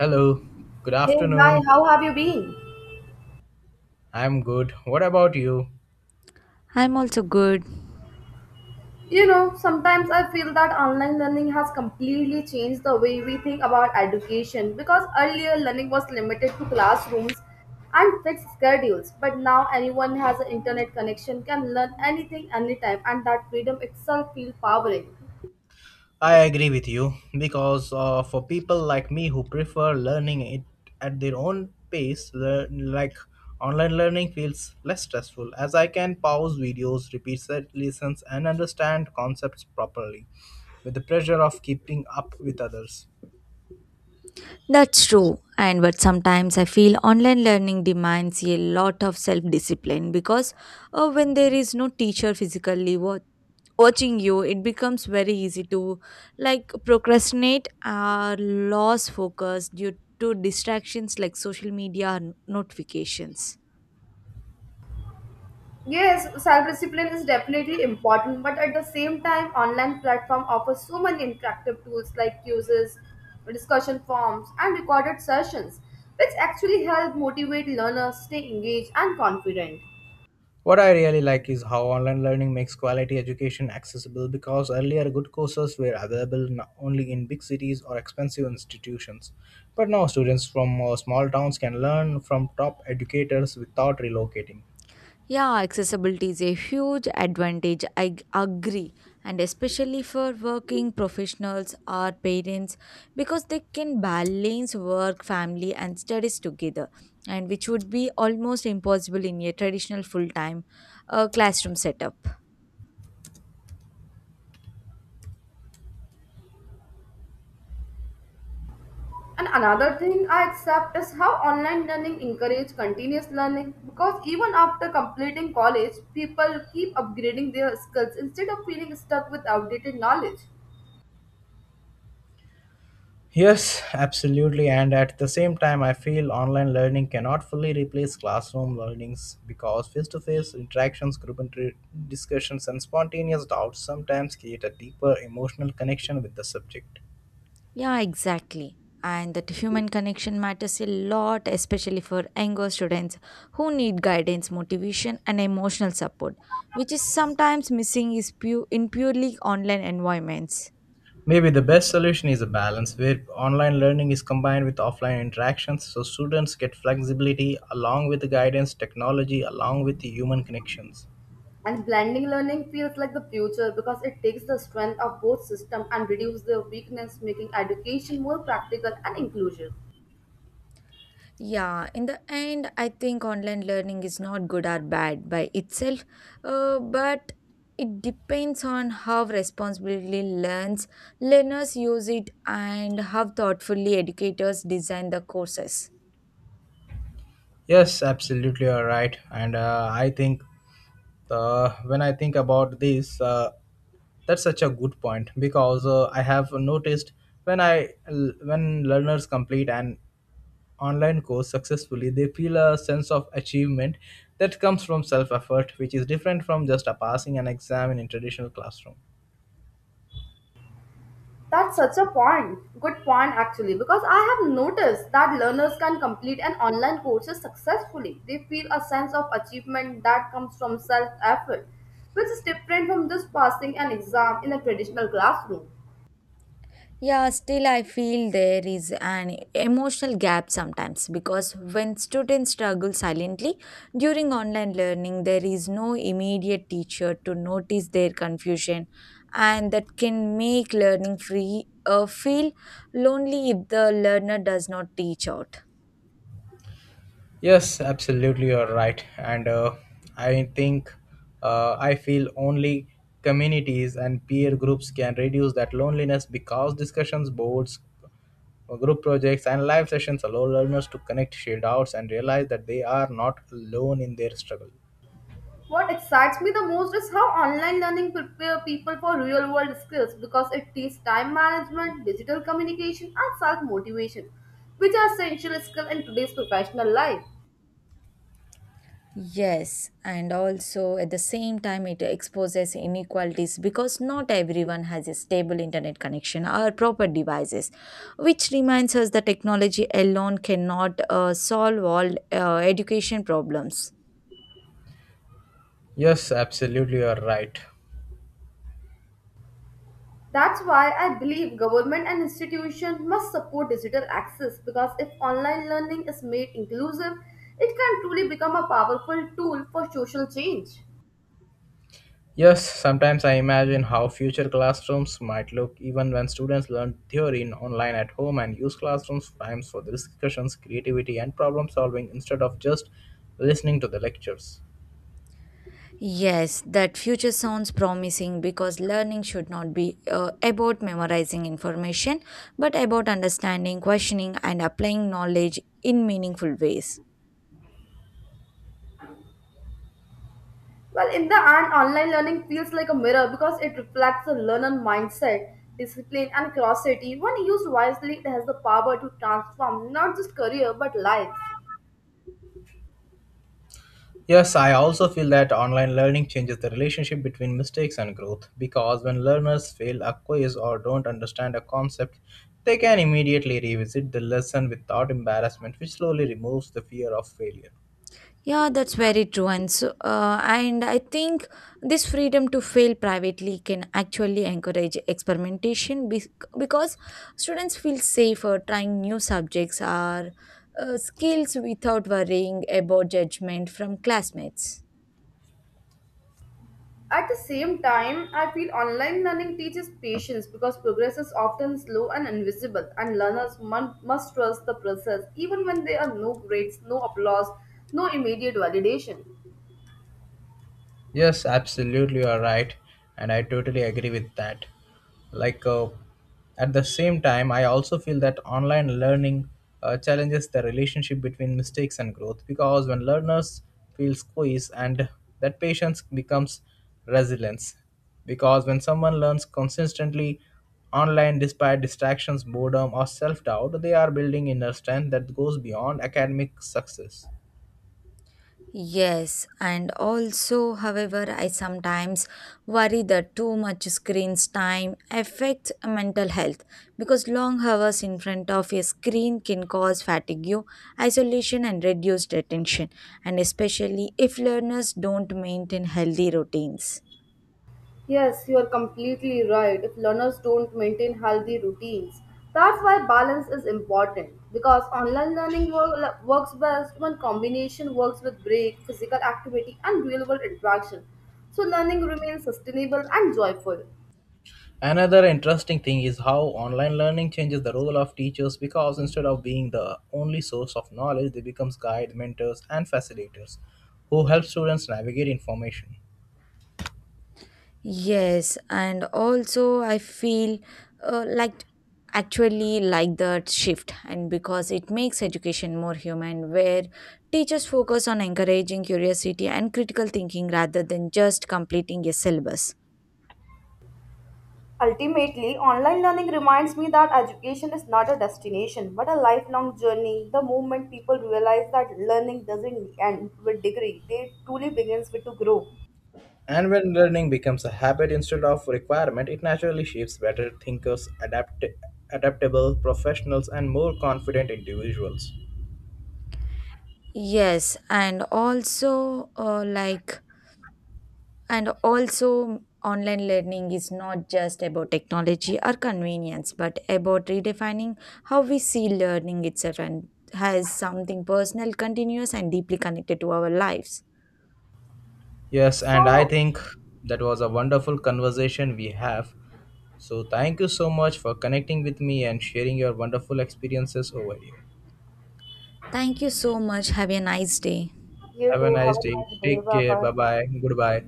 Hello, good Hey, hi, afternoon. how have you been? I'm good. What about you? I'm also good. You know, sometimes I feel that online learning has completely changed the way we think about education because earlier learning was limited to classrooms and fixed schedules, but now anyone has an internet connection can learn anything anytime, and that freedom itself feels powering. I agree with you because for people like me who prefer learning it at their own pace, online learning feels less stressful as I can pause videos, repeat set lessons, and understand concepts properly with the pressure of keeping up with others. That's true. And but sometimes I feel online learning demands a lot of self discipline because when there is no teacher physically watching you, it becomes very easy to like procrastinate or lose focus due to distractions like social media and notifications. Yes, self discipline is definitely important, but at the same time, online platform offers so many interactive tools like quizzes, discussion forums, and recorded sessions, which actually help motivate learners stay engaged and confident. What I really like is how online learning makes quality education accessible because earlier good courses were available only in big cities or expensive institutions. But now students from small towns can learn from top educators without relocating. Yeah, accessibility is a huge advantage. I agree. And especially for working professionals or parents, because they can balance work, family, and studies together, and which would be almost impossible in a traditional full time classroom setup. And another thing I accept is how online learning encourages continuous learning because even after completing college, people keep upgrading their skills instead of feeling stuck with outdated knowledge. Yes, absolutely. And at the same time, I feel online learning cannot fully replace classroom learnings because face to face interactions, discussions, and spontaneous doubts sometimes create a deeper emotional connection with the subject. Yeah, exactly. And that human connection matters a lot, especially for younger students who need guidance, motivation, and emotional support, which is sometimes missing in purely online environments. Maybe the best solution is a balance where online learning is combined with offline interactions so students get flexibility along with the guidance, technology, along with the human connections. And blending learning feels like the future because it takes the strength of both systems and reduces their weakness, making education more practical and inclusive. Yeah, in the end, I think online learning is not good or bad by itself, but it depends on how responsibly learns learners use it and how thoughtfully educators design the courses. Yes, absolutely, you're right. And I think when I think about this, that's such a good point because I have noticed when I when learners complete an online course successfully, they feel a sense of achievement that comes from self effort, which is different from just a passing an exam in a traditional classroom. That's such a point. Good point actually, because I have noticed that learners can complete an online courses successfully. They feel a sense of achievement that comes from self-effort, which is different from just passing an exam in a traditional classroom. Yeah, still, I feel there is an emotional gap sometimes because when students struggle silently during online learning, there is no immediate teacher to notice their confusion, and that can make learning free feel lonely if the learner does not teach out. Yes, absolutely, you're right. And I think I feel only communities and peer groups can reduce that loneliness because discussions, boards, group projects, and live sessions allow learners to connect, share doubts, and realize that they are not alone in their struggle. What excites me the most is how online learning prepare people for real world skills because it teaches time management, digital communication, and self motivation, which are essential skills in today's professional life. Yes, and also at the same time, it exposes inequalities because not everyone has a stable internet connection or proper devices, which reminds us that technology alone cannot solve all education problems. Yes, absolutely, you're right. That's why I believe government and institutions must support digital access because if online learning is made inclusive, it can truly become a powerful tool for social change. Yes, sometimes I imagine how future classrooms might look even when students learn theory in online at home and use classrooms times for the discussions, creativity, and problem solving instead of just listening to the lectures. Yes, that future sounds promising because learning should not be about memorizing information, but about understanding, questioning, and applying knowledge in meaningful ways. Well, in the end, online learning feels like a mirror because it reflects the learner mindset, discipline, and curiosity. When used wisely, it has the power to transform not just career but lives. Yes, I also feel that online learning changes the relationship between mistakes and growth because when learners fail a quiz or don't understand a concept, they can immediately revisit the lesson without embarrassment, which slowly removes the fear of failure. Yeah, that's very true. And I think this freedom to fail privately can actually encourage because students feel safer trying new subjects or skills without worrying about judgment from classmates. At the same time, I feel online learning teaches patience because progress is often slow and invisible, and must trust the process even when there are no grades, no applause, no immediate validation. Yes, absolutely, you are right, and I totally agree with that. Like, at the same time, I also feel that online learning challenges the relationship between mistakes and growth because when learners feel squeezed, and that patience becomes resilience. Because when someone learns consistently online despite distractions, boredom, or self doubt, they are building inner strength that goes beyond academic success. Yes, and also, however, I sometimes worry that too much screen time affects mental health because long hours in front of a screen can cause fatigue, isolation, and reduced attention, and especially if learners don't maintain healthy routines. Yes, you are completely right. If learners don't maintain healthy routines, that's why balance is important. Because online works best when combination works with break, physical activity, and real-world interaction. So learning remains sustainable and joyful. Another interesting thing is how online learning changes the role of teachers because instead of being the only source of knowledge, they become guides, mentors, and facilitators who help students navigate information. Yes, and also I feel like actually like that shift, and because it makes education more human, where teachers focus on encouraging curiosity and critical thinking rather than just completing a syllabus. Ultimately, online learning reminds me that education is not a destination but a lifelong journey. The moment people realize that learning doesn't end with degree, they truly begins with to grow. And when learning becomes a habit instead of requirement, it naturally shapes better thinkers, adaptable professionals, and more confident individuals. Yes, and also like And also, online learning is not just about technology or convenience, but about redefining how we see learning itself and has something personal, continuous, and deeply connected to our lives. Yes, and I So think that was a wonderful conversation we have. So, thank you so much for connecting with me and sharing your wonderful experiences over here. Thank you so much. Have a nice day. you Have a too. nice Have a day. nice day. Take Bye care. bye. Bye bye. Goodbye.